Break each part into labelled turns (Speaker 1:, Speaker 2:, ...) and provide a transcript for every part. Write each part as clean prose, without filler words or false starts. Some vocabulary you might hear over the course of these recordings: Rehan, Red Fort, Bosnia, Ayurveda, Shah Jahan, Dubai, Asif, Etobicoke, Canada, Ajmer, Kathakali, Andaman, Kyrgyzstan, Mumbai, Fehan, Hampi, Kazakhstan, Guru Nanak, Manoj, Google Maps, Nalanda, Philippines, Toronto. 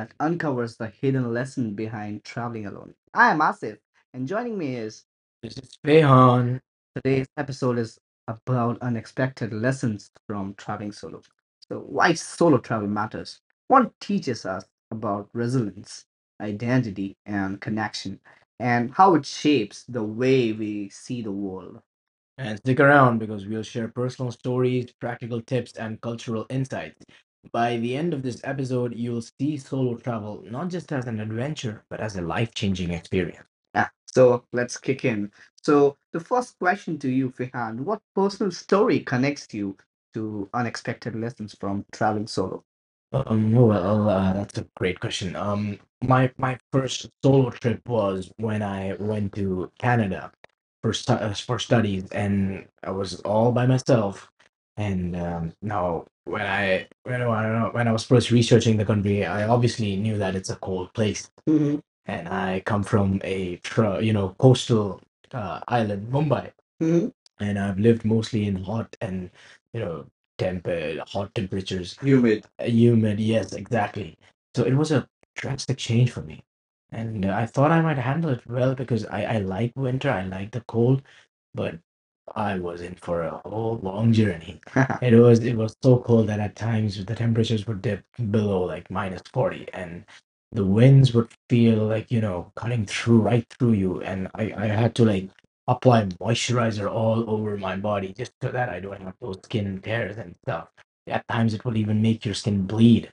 Speaker 1: that uncovers the hidden lesson behind traveling alone. I am Asif, and joining me is This is Rehan. Today's episode is about unexpected lessons from traveling solo. So, why solo travel matters? What teaches us about resilience, identity, and connection, and how it shapes the way we see the world? And stick around, because we'll share personal stories, practical tips, and cultural insights. By the end of this episode, you'll see solo travel not just as an adventure, but as a life changing experience. Yeah, so let's kick in. So, the first question to you, Fihan: what personal story connects you to unexpected lessons from traveling solo? Well, that's a great question. My first solo trip was when I went to Canada for for studies, and I was all by myself. And now, when I was first researching the country, I obviously knew that it's a cold place, and I come from a coastal island, Mumbai, hmm and I've lived mostly in hot and you know temperate hot temperatures. Humid. Humid. Yes, exactly. So it was a drastic change for me, and I thought I might handle it well because I like winter, I like the cold, but I was in for a whole long journey. It was so cold that at times the temperatures would dip below like minus 40, and the winds would feel like cutting through right through you. And I had to like apply moisturizer all over my body just so that I don't have those skin tears and stuff. At times it would even make your skin bleed,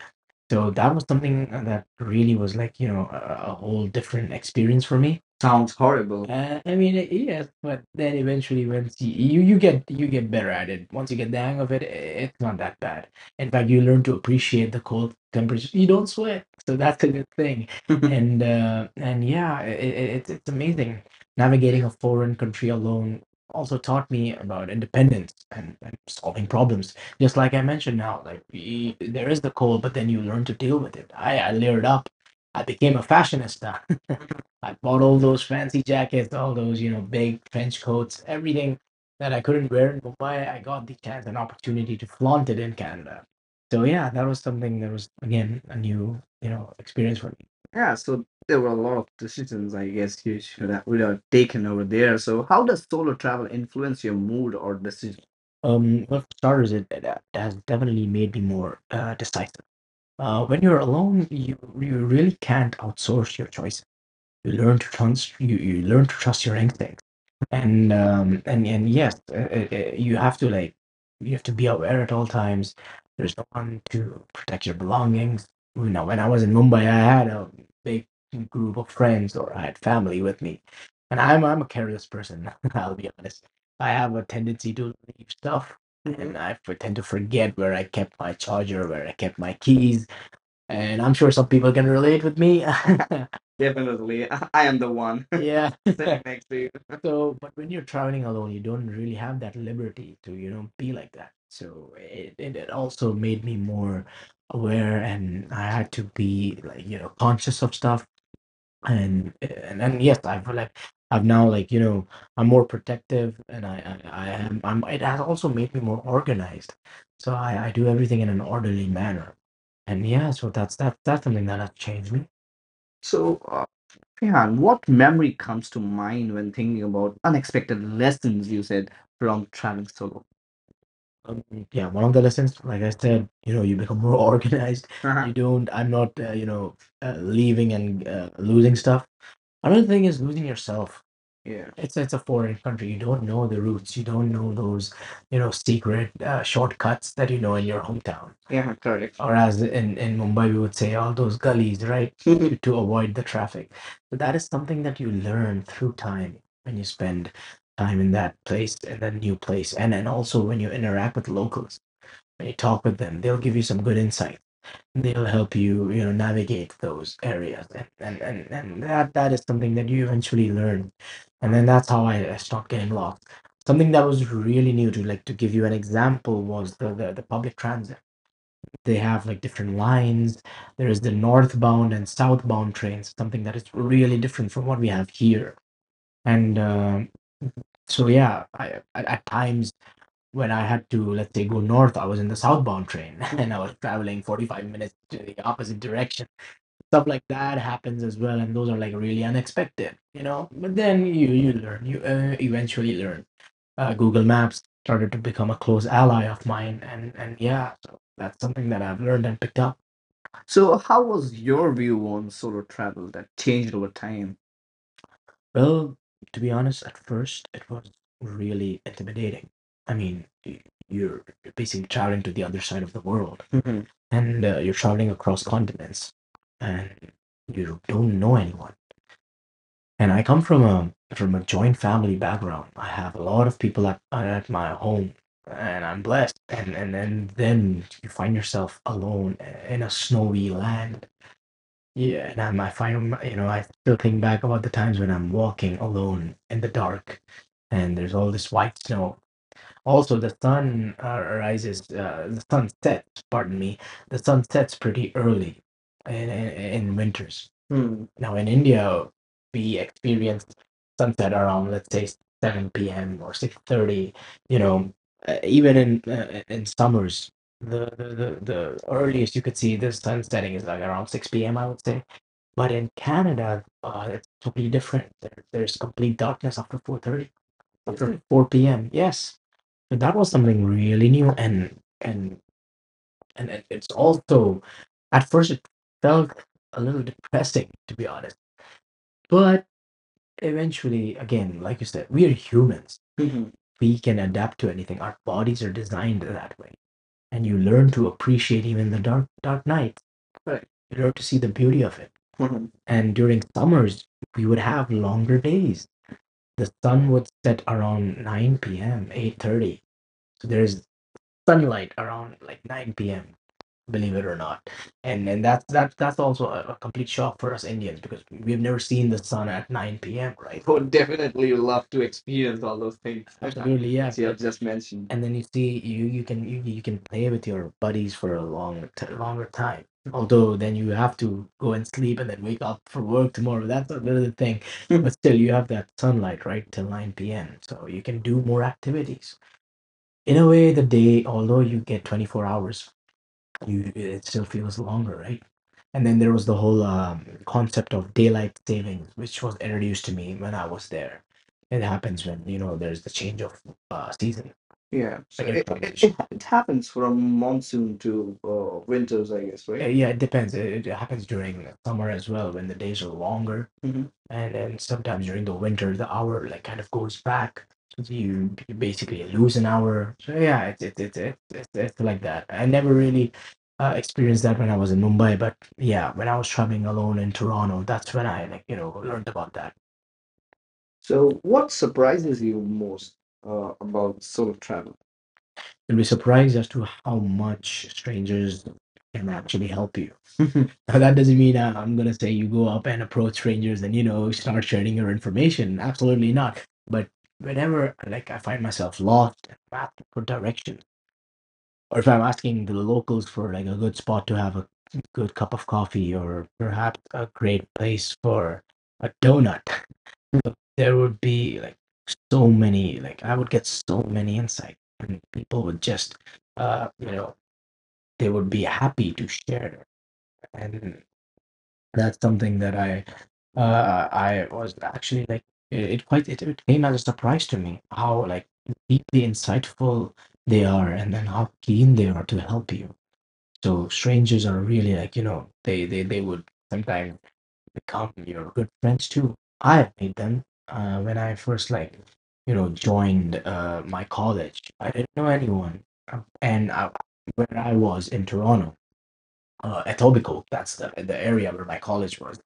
Speaker 1: so that was something that really was like a whole different experience for me. Sounds horrible. I mean, yes, but then eventually, once you get better at it, once you get the hang of it, it's not that bad. In fact, you learn to appreciate the cold temperatures. You don't sweat, so that's a good thing. And yeah, it's amazing. Navigating a foreign country alone also taught me about independence and solving problems, just like I mentioned now. Like, there is the cold, but then you learn to deal with it. I layered up. I became a fashionista. I bought all those fancy jackets, all those big trench coats, everything that I couldn't wear in Mumbai. I got the chance and opportunity to flaunt it in Canada. So yeah, that was something that was again a new experience for me. Yeah, so there were a lot of decisions I guess you should have, would have taken over there. Solo travel influence your mood or decision? Well, for starters, it has definitely made me more decisive. When you're alone, you really can't outsource your choices. You learn to trust you, you learn to trust your instincts, and yes, you have to be aware at all times. There's no one to protect your belongings. When I was in Mumbai, I had a big group of friends or I had family with me, and I'm a careless person. I'll be honest. I have a tendency to leave stuff, and I tend to forget where I kept my charger, where I kept my keys, and I'm sure some people can relate with me. Definitely. I am the one yeah, sitting next to you. So, but when you're traveling alone, you don't really have that liberty to be like that. So it also made me more aware, and I had to be like conscious of stuff, and yes, I feel like I've now I'm more protective, and it has also made me more organized, so I do everything in an orderly manner, and yeah, so that's something that has changed me. So, Rehan, what memory comes to mind when thinking about unexpected lessons you said from traveling solo? Um, yeah, one of the lessons, like I said, you become more organized. Uh-huh. You don't. I'm not leaving and losing stuff. Another thing is losing yourself. Yeah. It's a foreign country. You don't know the roots. You don't know those secret shortcuts that you know in your hometown. Yeah, correct. Or as in Mumbai, we would say all those gullies, right, to avoid the traffic. But that is something that you learn through time when you spend time in that place and that new place, and also when you interact with locals, when you talk with them, they'll give you some good insight, they'll help you you know navigate those areas, and that is something that you eventually learn, and then that's how I stopped getting lost. Something that was really new, to like to give you an example, was the public transit. They have like different lines. There is the northbound and southbound trains, something that is really different from what we have here, and yeah. I, at times when I had to, let's say, go north, I was in the southbound train and I was traveling 45 minutes to the opposite direction. Stuff like that happens as well, and those are like really unexpected, you know, but then you eventually learn. Google Maps started to become a close ally of mine, and yeah, so that's something that I've learned and picked up. So, how was your view on solo travel that changed over time? Well, to be honest, at first it was really intimidating. I mean, you're basically traveling to the other side of the world, and you're traveling across continents, and you don't know anyone. And I come from a joint family background. I have a lot of people at my home, and I'm blessed. And then you find yourself alone in a snowy land, yeah, and I'm, I find, my- you know, I still think back about the times when I'm walking alone in the dark and there's all this white snow. Also, the sun rises, the sun sets, pardon me, the sun sets pretty early in winters. Hmm. Now, in India, we experience sunset around, let's say, 7 p.m. or 6:30, you know, even in summers, the earliest you could see the sun setting is like around 6 p.m., I would say, but in Canada, it's totally different. There's complete darkness after 4:30, after 4 p.m. Yes, and that was something really new, and it's also, at first, it felt a little depressing, to be honest, but eventually, again, like you said, we are humans. Mhm. We can adapt to anything. Our bodies are designed that way, and you learn to appreciate even the dark nights. Right. You learn to see the beauty of it. Mhm. And during summers, we would have longer days. The sun would set around 9 p.m., 8:30. So there's sunlight around like 9 p.m., believe it or not, and that's also a complete shock for us Indians, because we've never seen the sun at 9 p.m. Right, would definitely love to experience all those things. Absolutely. Yeah, as you have just mentioned. And then you see, you can play with your buddies for a longer time, although then you have to go and sleep and then wake up for work tomorrow, that's another thing. But still you have that sunlight right till 9 p.m., so you can do more activities. In a way, the day, although you get 24 hours, you it still feels longer, right? And then there was the whole concept of daylight savings, which was introduced to me when I was there. It happens when there's the change of season. Yeah, so, like, in it, transition. It happens from monsoon to winters, I guess. Right? Yeah, it depends. It happens during the summer as well when the days are longer, and then sometimes during the winter the hour like kind of goes back. So you basically lose an hour. So yeah, it's it it it it, it's like that. I never really experienced that when I was in Mumbai, but yeah, when I was traveling alone in Toronto, that's when I learned about that. So what surprises you most about solo travel? You'll be surprised as to how much strangers can actually help you. Now that doesn't mean I'm gonna say you go up and approach strangers and start sharing your information. Absolutely not. But whenever like I find myself lost and asked for directions, or if I'm asking the locals for like a good spot to have a good cup of coffee or perhaps a great place for a donut, there would be like so many, like I would get so many insights, and people would just uh you know they would be happy to share, and that's something that I was actually like it quite it came as a surprise to me how like deeply insightful they are, and then how keen they are to help you. So strangers are really like, they they would sometimes become your good friends too. I have made them when I first like, joined my college. I didn't know anyone. And I, where I was in Toronto, Etobicoke, that's the area where my college was.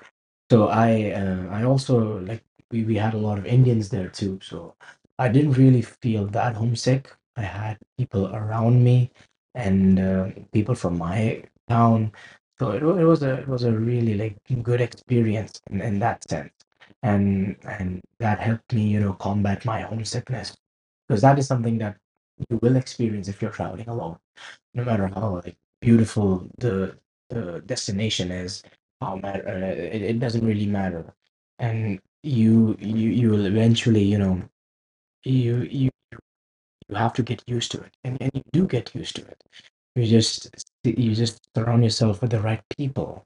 Speaker 1: So I also, like we had a lot of Indians there too. So I didn't really feel that homesick. I had people around me and people from my town. So it was a, it was a really like good experience in that sense. and that helped me, combat my homesickness, because that is something that you will experience if you're traveling alone, no matter how like beautiful the destination is, how matter, it, it doesn't really matter, and you will eventually, you you you have to get used to it, and you do get used to it. You just, you just surround yourself with the right people.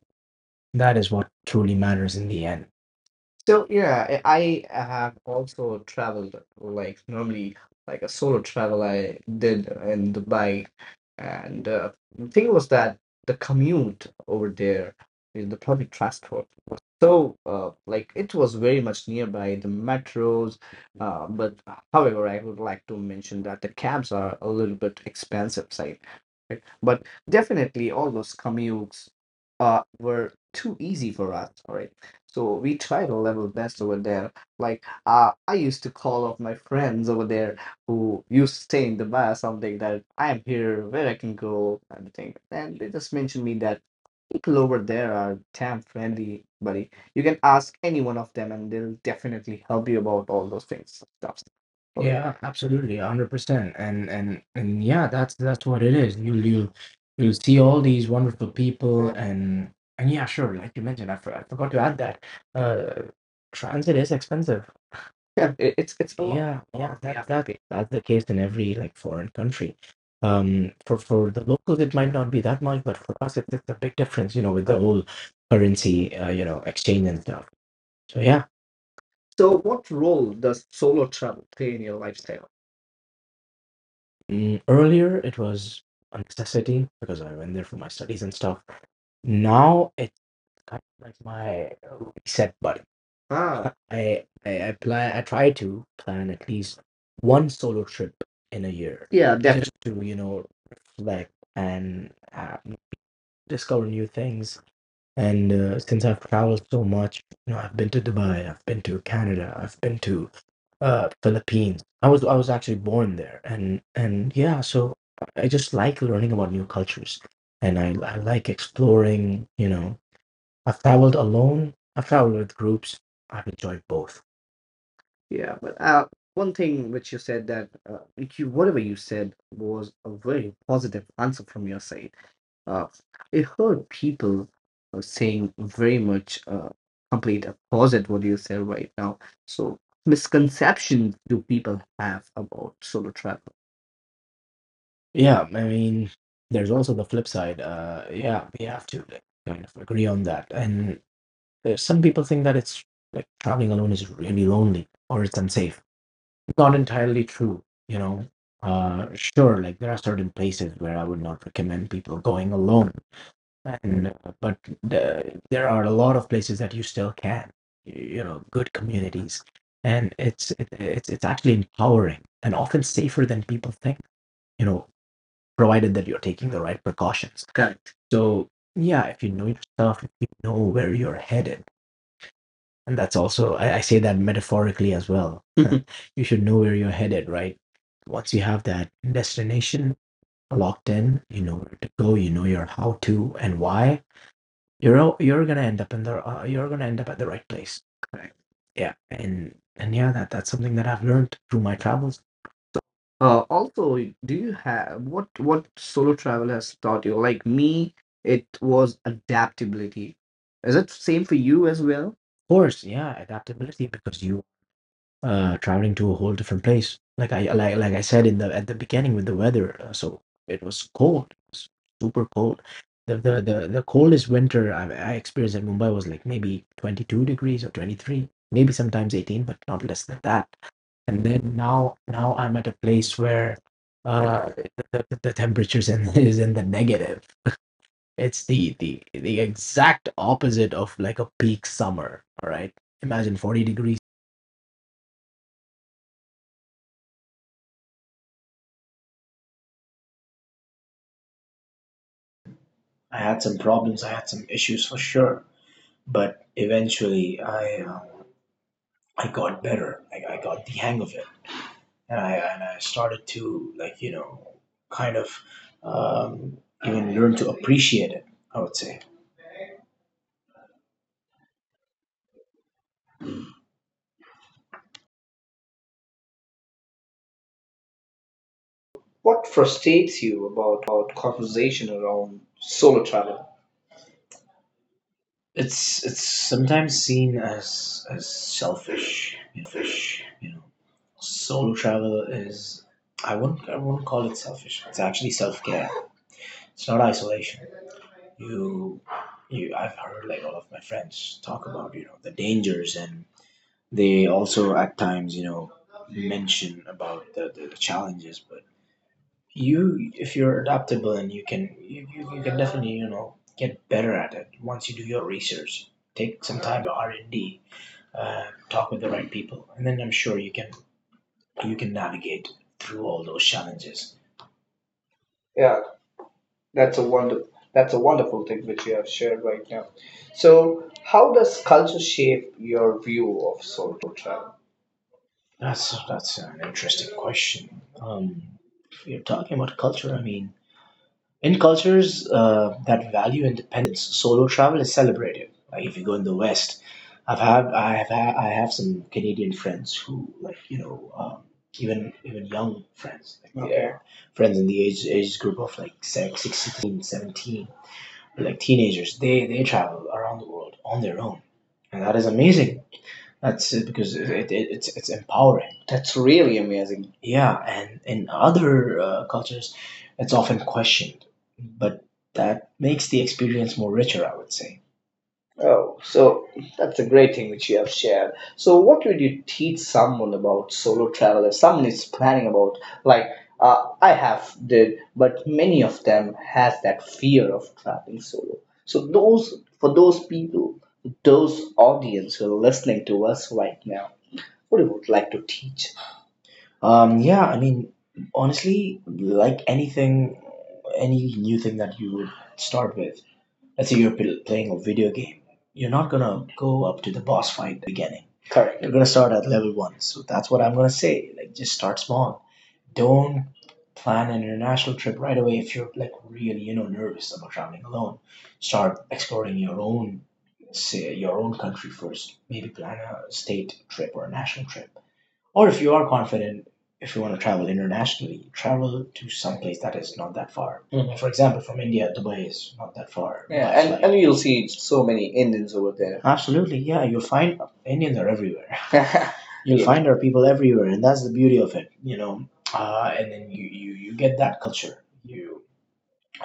Speaker 1: That is what truly matters in the end. So yeah, I have also traveled like normally, like a solo travel I did in Dubai, and the thing was that the commute over there, in the public transport was so like it was very much nearby the metros, but however I would like to mention that the cabs are a little bit expensive side, right? But definitely all those commutes were too easy for us, right? So we try to level best over there. Like I used to call up my friends over there who used to stay in Dubai or something, that I am here, where I can go, and thing. And they just mentioned me that people over there are damn friendly, buddy. You can ask any one of them, and they'll definitely help you about all those things. Stuff over there. Yeah, absolutely, 100%, and yeah, that's what it is. You'll you you'll see all these wonderful people, and yeah, sure. Like you mentioned, I forgot to add that uh, transit is expensive. Yeah, it's a lot. Yeah, yeah, lot, that's the case in every like foreign country. For the locals, it might not be that much, but for us, it's a big difference, you know, with the whole currency, you know, exchange and stuff. So yeah. So what role does solo travel play in your lifestyle? Earlier it was a necessity because I went there for my studies and stuff. Now it kind of like my reset button. Ah, I try to plan at least one solo trip in a year, yeah, just definitely, to reflect and discover new things. And since I've traveled so much, you know, I've been to Dubai, I've been to Canada, I've been to Philippines. I was actually born there, and yeah. So I just like learning about new cultures, and I like exploring, you know. I've traveled alone, I've traveled with groups, I've enjoyed both. Yeah, but one thing which you said, that you, whatever you said was a very positive answer from your side. Uh, I heard people saying very much complete opposite what you said right now. So misconceptions do people have about solo travel? Yeah, I mean, there's also the flip side. Yeah, we have to like kind of agree on that. And some people think that it's like traveling alone is really lonely or it's unsafe. Not entirely true, you know. Sure, like there are certain places where I would not recommend people going alone, and but the, there are a lot of places that you still can, you know, good communities, and it's it's actually empowering and often safer than people think, you know, provided that you're taking the right precautions. Correct. So yeah, if you know yourself, if you know where you're headed, and that's also, I say that metaphorically as well. Mhm. You should know where you're headed, right? Once you have that destination locked in, you know where to go, you know your how to and why. You're gonna end up in the you're gonna end up at the right place. Correct. Yeah, and yeah, that's something that I've learned through my travels. Also, do you have what solo travel has taught you? Like me, it was adaptability. Is it same for you as well? Of course, yeah, adaptability, because you traveling to a whole different place. Like I said in the, at the beginning with the weather, so it was cold, it was super cold. The the coldest winter I experienced in Mumbai was like maybe 22 degrees or 23, maybe sometimes 18, but not less than that. And then now I'm at a place where uh the temperatures in, is in the negative. It's the exact opposite of like a peak summer, all right? Imagine 40 degrees
Speaker 2: I had some problems, I had some issues for sure, but eventually I got better. I got the hang of it, and I started to like kind of um, even learn to appreciate it. I would say, what frustrates you about conversation around solo travel? It's sometimes seen as selfish. Solo travel is, I wouldn't call it selfish. It's actually self care. It's not isolation. you you I've heard like all of my friends talk about the dangers, and they also at times mention about the challenges. But you if you're adaptable and you can, you can definitely get better at it once you do your research, take some time for your R&D, uh, talk with the right people, and then I'm sure you can, navigate through all those challenges. Yeah, that's a wonderful thing which you have shared right now. So, how does culture shape your view of soul travel? That's an interesting question. If you're talking about culture, I mean, in cultures that value independence, solo travel is celebrated. Like if you go in the West, I've had I have ha- I have some Canadian friends who like even young friends, like. Okay. They're friends in the age group of like 16, 17, like teenagers. They travel around the world on their own, and that is amazing. That's Because it's empowering. That's really amazing. Yeah, and in other cultures, it's often questioned, but that makes the experience more richer, I would say. Oh, so that's a great thing which you have shared. So, what would you teach someone about solo travel? If someone is planning about, like I have did, but many of them has that fear of traveling solo. So, those for those people, those audience who are listening to us right now, what you would like to teach? Yeah, I mean, honestly, like anything, any new thing that you would start with, let's say you're playing a video game, you're not gonna go up to the boss fight at the very beginning. Correct. You're gonna start at level one. So that's what I'm gonna say. Like, just start small. Don't plan an international trip right away if you're like really nervous about traveling alone. Start exploring your own country first. Maybe plan a state trip or a national trip. Or if you are confident, if you want to travel internationally, travel to some place that is not that far. Mhm. For example, from India, Dubai is not that far. Yeah, and you'll see so many Indians over there. Absolutely, yeah, you'll find Indians are everywhere. You'll, yeah, find our people everywhere, and that's the beauty of it. And then you get that culture. You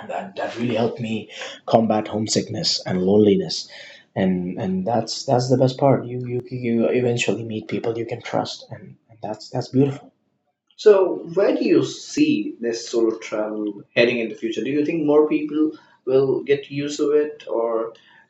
Speaker 2: that that really helped me combat homesickness and loneliness, and that's the best part. You eventually meet people you can trust, and that's beautiful. So, where do you see this solo travel heading in the future? Do you think more people will get used to it, or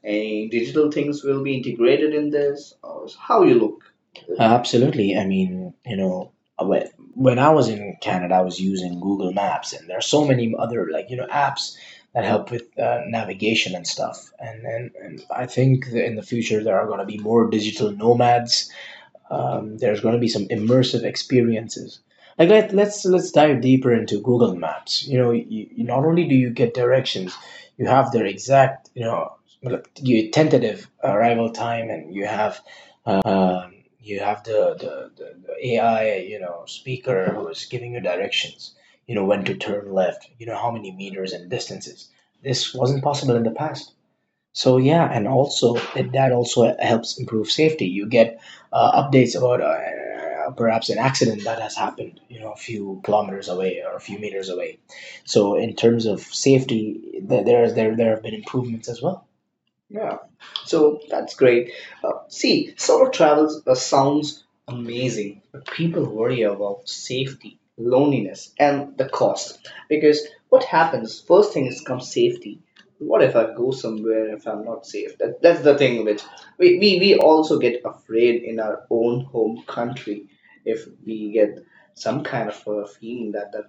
Speaker 2: any digital things will be integrated in this, or how you look? Absolutely. I mean, when when I was in Canada, I was using Google Maps, and there are so many other like apps that help with navigation and stuff. And I think that in the future there are going to be more digital nomads. There's going to be some immersive experiences. Like, let's dive deeper into Google Maps. You know, you not only do you get directions, you have their exact, like, your tentative arrival time, and um, you have the AI, speaker who is giving you directions. You know when to turn left. You know how many meters and distances. This wasn't possible in the past. So yeah, and also that also helps improve safety. You get updates about perhaps an accident that has happened, a few kilometers away or a few meters away. So in terms of safety, there have been improvements as well. Yeah, so that's great. See, solo travels sounds amazing, but people worry about safety, loneliness, and the cost. Because what happens first thing is comes safety. What if I go somewhere, if I'm not safe? That's the thing, which we also get afraid in our own home country if we get some kind of a feeling that the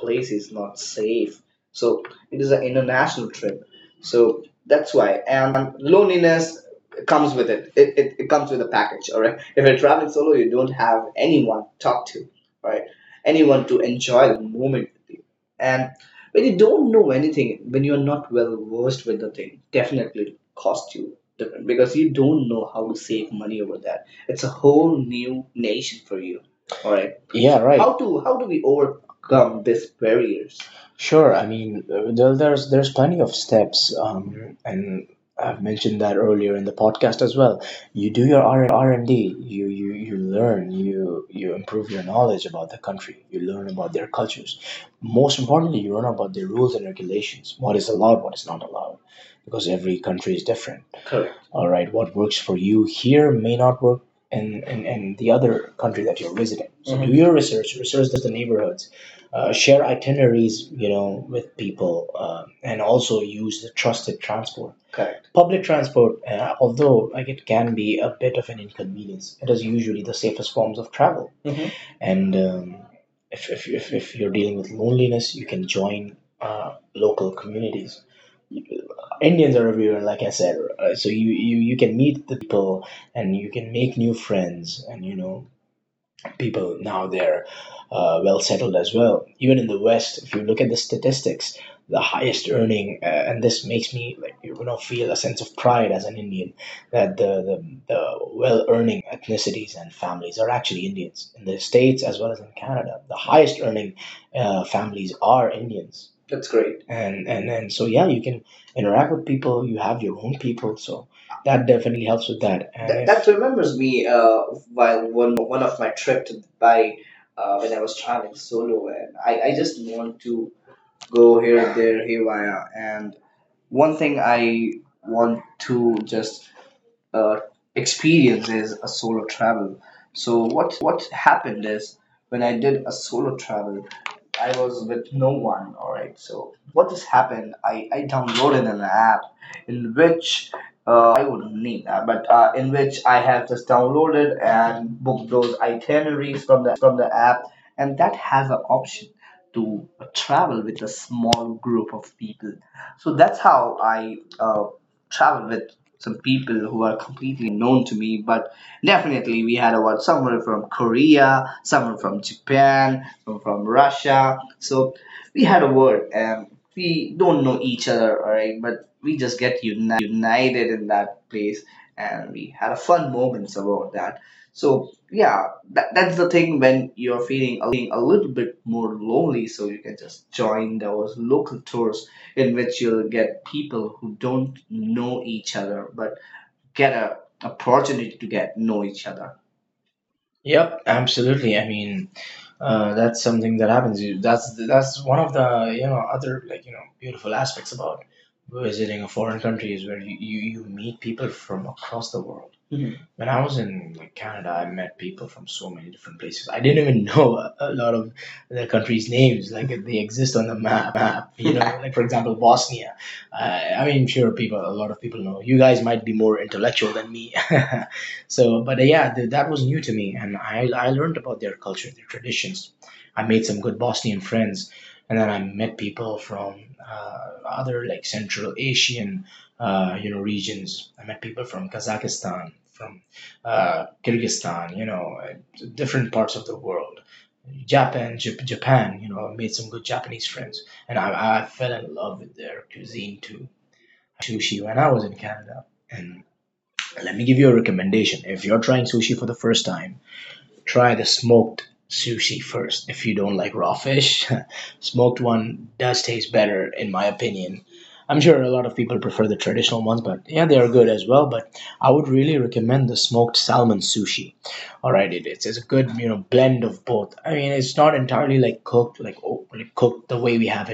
Speaker 2: place is not safe. So it is an international trip. So that's why. And loneliness comes with it. It comes with a package, all right? If you're traveling solo, you don't have anyone to talk to, right? Anyone to enjoy the moment with you. And when you don't know anything, when you're not well versed with the thing, definitely it costs you different, because you don't know how to save money over that. It's a whole new nation for you, all right? Yeah, right. How do we overcome these barriers? Sure. I mean, there's plenty of steps, and I've mentioned that earlier in the podcast as well. You do your R&D. You learn. You improve your knowledge about the country. You learn about their cultures. Most importantly, you learn about their rules and regulations. What is allowed, what is not allowed, because every country is different. Correct. All right, what works for you here may not work in the other country that you're visiting. So, mhm, do, mhm, your research. Research the neighborhoods, share itineraries, with people, and also use the trusted transport. Correct. Public transport, although like it can be a bit of an inconvenience, it is usually the safest forms of travel. Mhm. And if you're dealing with loneliness, you can join local communities. Indians are everywhere, like I said. So you can meet the people and you can make new friends, and people now, they're well settled as well. Even in the West, if you look at the statistics, the highest earning, and this makes me like feel a sense of pride as an Indian, that the well earning ethnicities and families are actually Indians in the states as well as in Canada. The highest earning families are Indians. That's great. And so yeah, you can interact with people. You have your own people, so that definitely helps with that. And that if remembers me while one of my trip to Dubai, when I was traveling solo, and I just want to go here, there, haywire. And one thing I want to just uh, experience is a solo travel. So what happened is, when I did a solo travel, I was with no one. All right. So what has happened? I downloaded an app, in which I wouldn't name that, but in which I have just downloaded and booked those itineraries from the app, and that has an option to travel with a small group of people. So that's how I travel with some people who are completely unknown to me, but definitely, we had about someone from Korea, someone from Japan, someone from Russia. So we had a word, and we don't know each other, all right? But we just get united in that place, and we had a fun moments about that. So yeah, that's the thing when you're feeling a little bit more lonely, so you can just join those local tours in which you'll get people who don't know each other, but get a opportunity to get know each other. Yep, absolutely. I mean, that's something that happens. That's one of the other, like, beautiful aspects about visiting a foreign country, is where you meet people from across the world. Mhm. When I was in, like, Canada, I met people from so many different places. I didn't even know a lot of the countries names, like they exist on the map. Like, for example, Bosnia. I mean sure, people a lot of people know. You guys might be more intellectual than me. So but yeah, that was new to me, and I learned about their culture, their traditions. I made some good Bosnian friends, and then I met people from uh, other, like, Central Asian, regions. I met people from Kazakhstan, from Kyrgyzstan, different parts of the world. Japan, Japan, I made some good Japanese friends, and I fell in love with their cuisine too. I first tried sushi when I was in Canada, and let me give you a recommendation. If you're trying sushi for the first time, try the smoked sushi first if you don't like raw fish. Smoked one does taste better, in my opinion. I'm sure a lot of people prefer the traditional ones, but yeah, they are good as well. But I would really recommend the smoked salmon sushi. All right, it's a good blend of both. I mean, it's not entirely like cooked, like, like cooked the way we have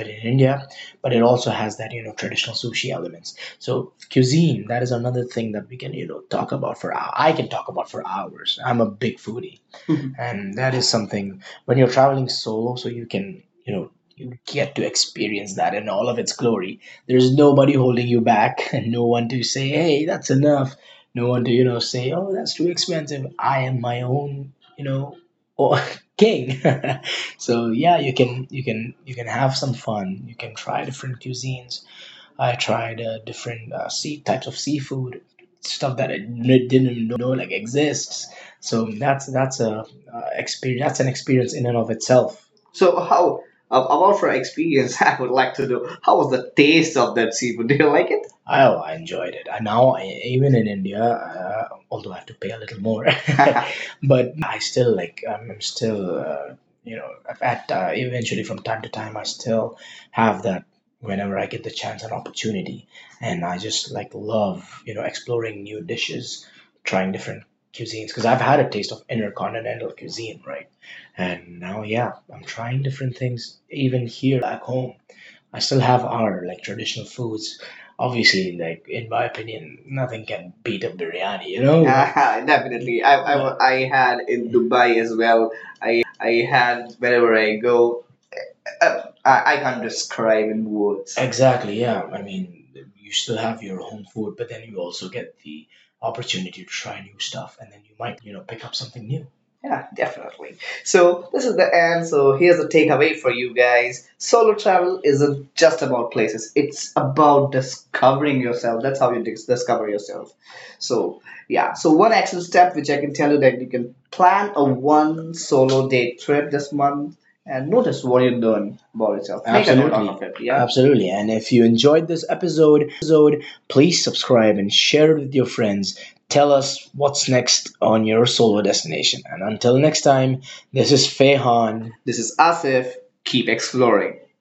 Speaker 2: it in India, but it also has that traditional sushi elements. So cuisine, that is another thing that we can talk about for. I can talk about for hours. I'm a big foodie. And that is something when you're traveling solo, so you can you know you get to experience that in all of its glory. There's nobody holding you back and no one to say, hey, that's enough, no one to say, oh, that's too expensive. I am my own or king. So yeah, you can have some fun, you can try different cuisines. I tried different sea types of seafood, stuff that I didn't even know, like, exists. So that's a experience. That's an experience in and of itself. So how about for experience? I would like to know, how was the taste of that seafood? Do you like it? Oh, I enjoyed it. And now, even in India, although I have to pay a little more, but yeah, I still like. I'm still, you know, at eventually from time to time, I still have that whenever I get the chance and opportunity. And I just, like, love, exploring new dishes, trying different cuisines, because I've had a taste of intercontinental cuisine, right? And now, yeah, I'm trying different things even here back home. I still have our, like, traditional foods. Obviously, like, in my opinion, nothing can beat a biryani, you know? Like, ah, definitely. Yeah. I had in Dubai as well. I had wherever I go. I can't describe in words. Exactly, yeah. I mean, you still have your home food, but then you also get the opportunity to try new stuff, and then you might pick up something new. Yeah, definitely. So this is the end. So here's the takeaway for you guys. Solo travel isn't just about places. It's about discovering yourself. That's how you discover yourself. So yeah. So one action step which I can tell you that you can plan a one solo day trip this month and notice what you learn about yourself. Absolutely. Make a note, absolutely, of it. Yeah. Absolutely. And if you enjoyed this episode, please subscribe and share it with your friends. Tell us what's next on your solo destination. And until next time, this is Fehan. This is Asif. Keep exploring.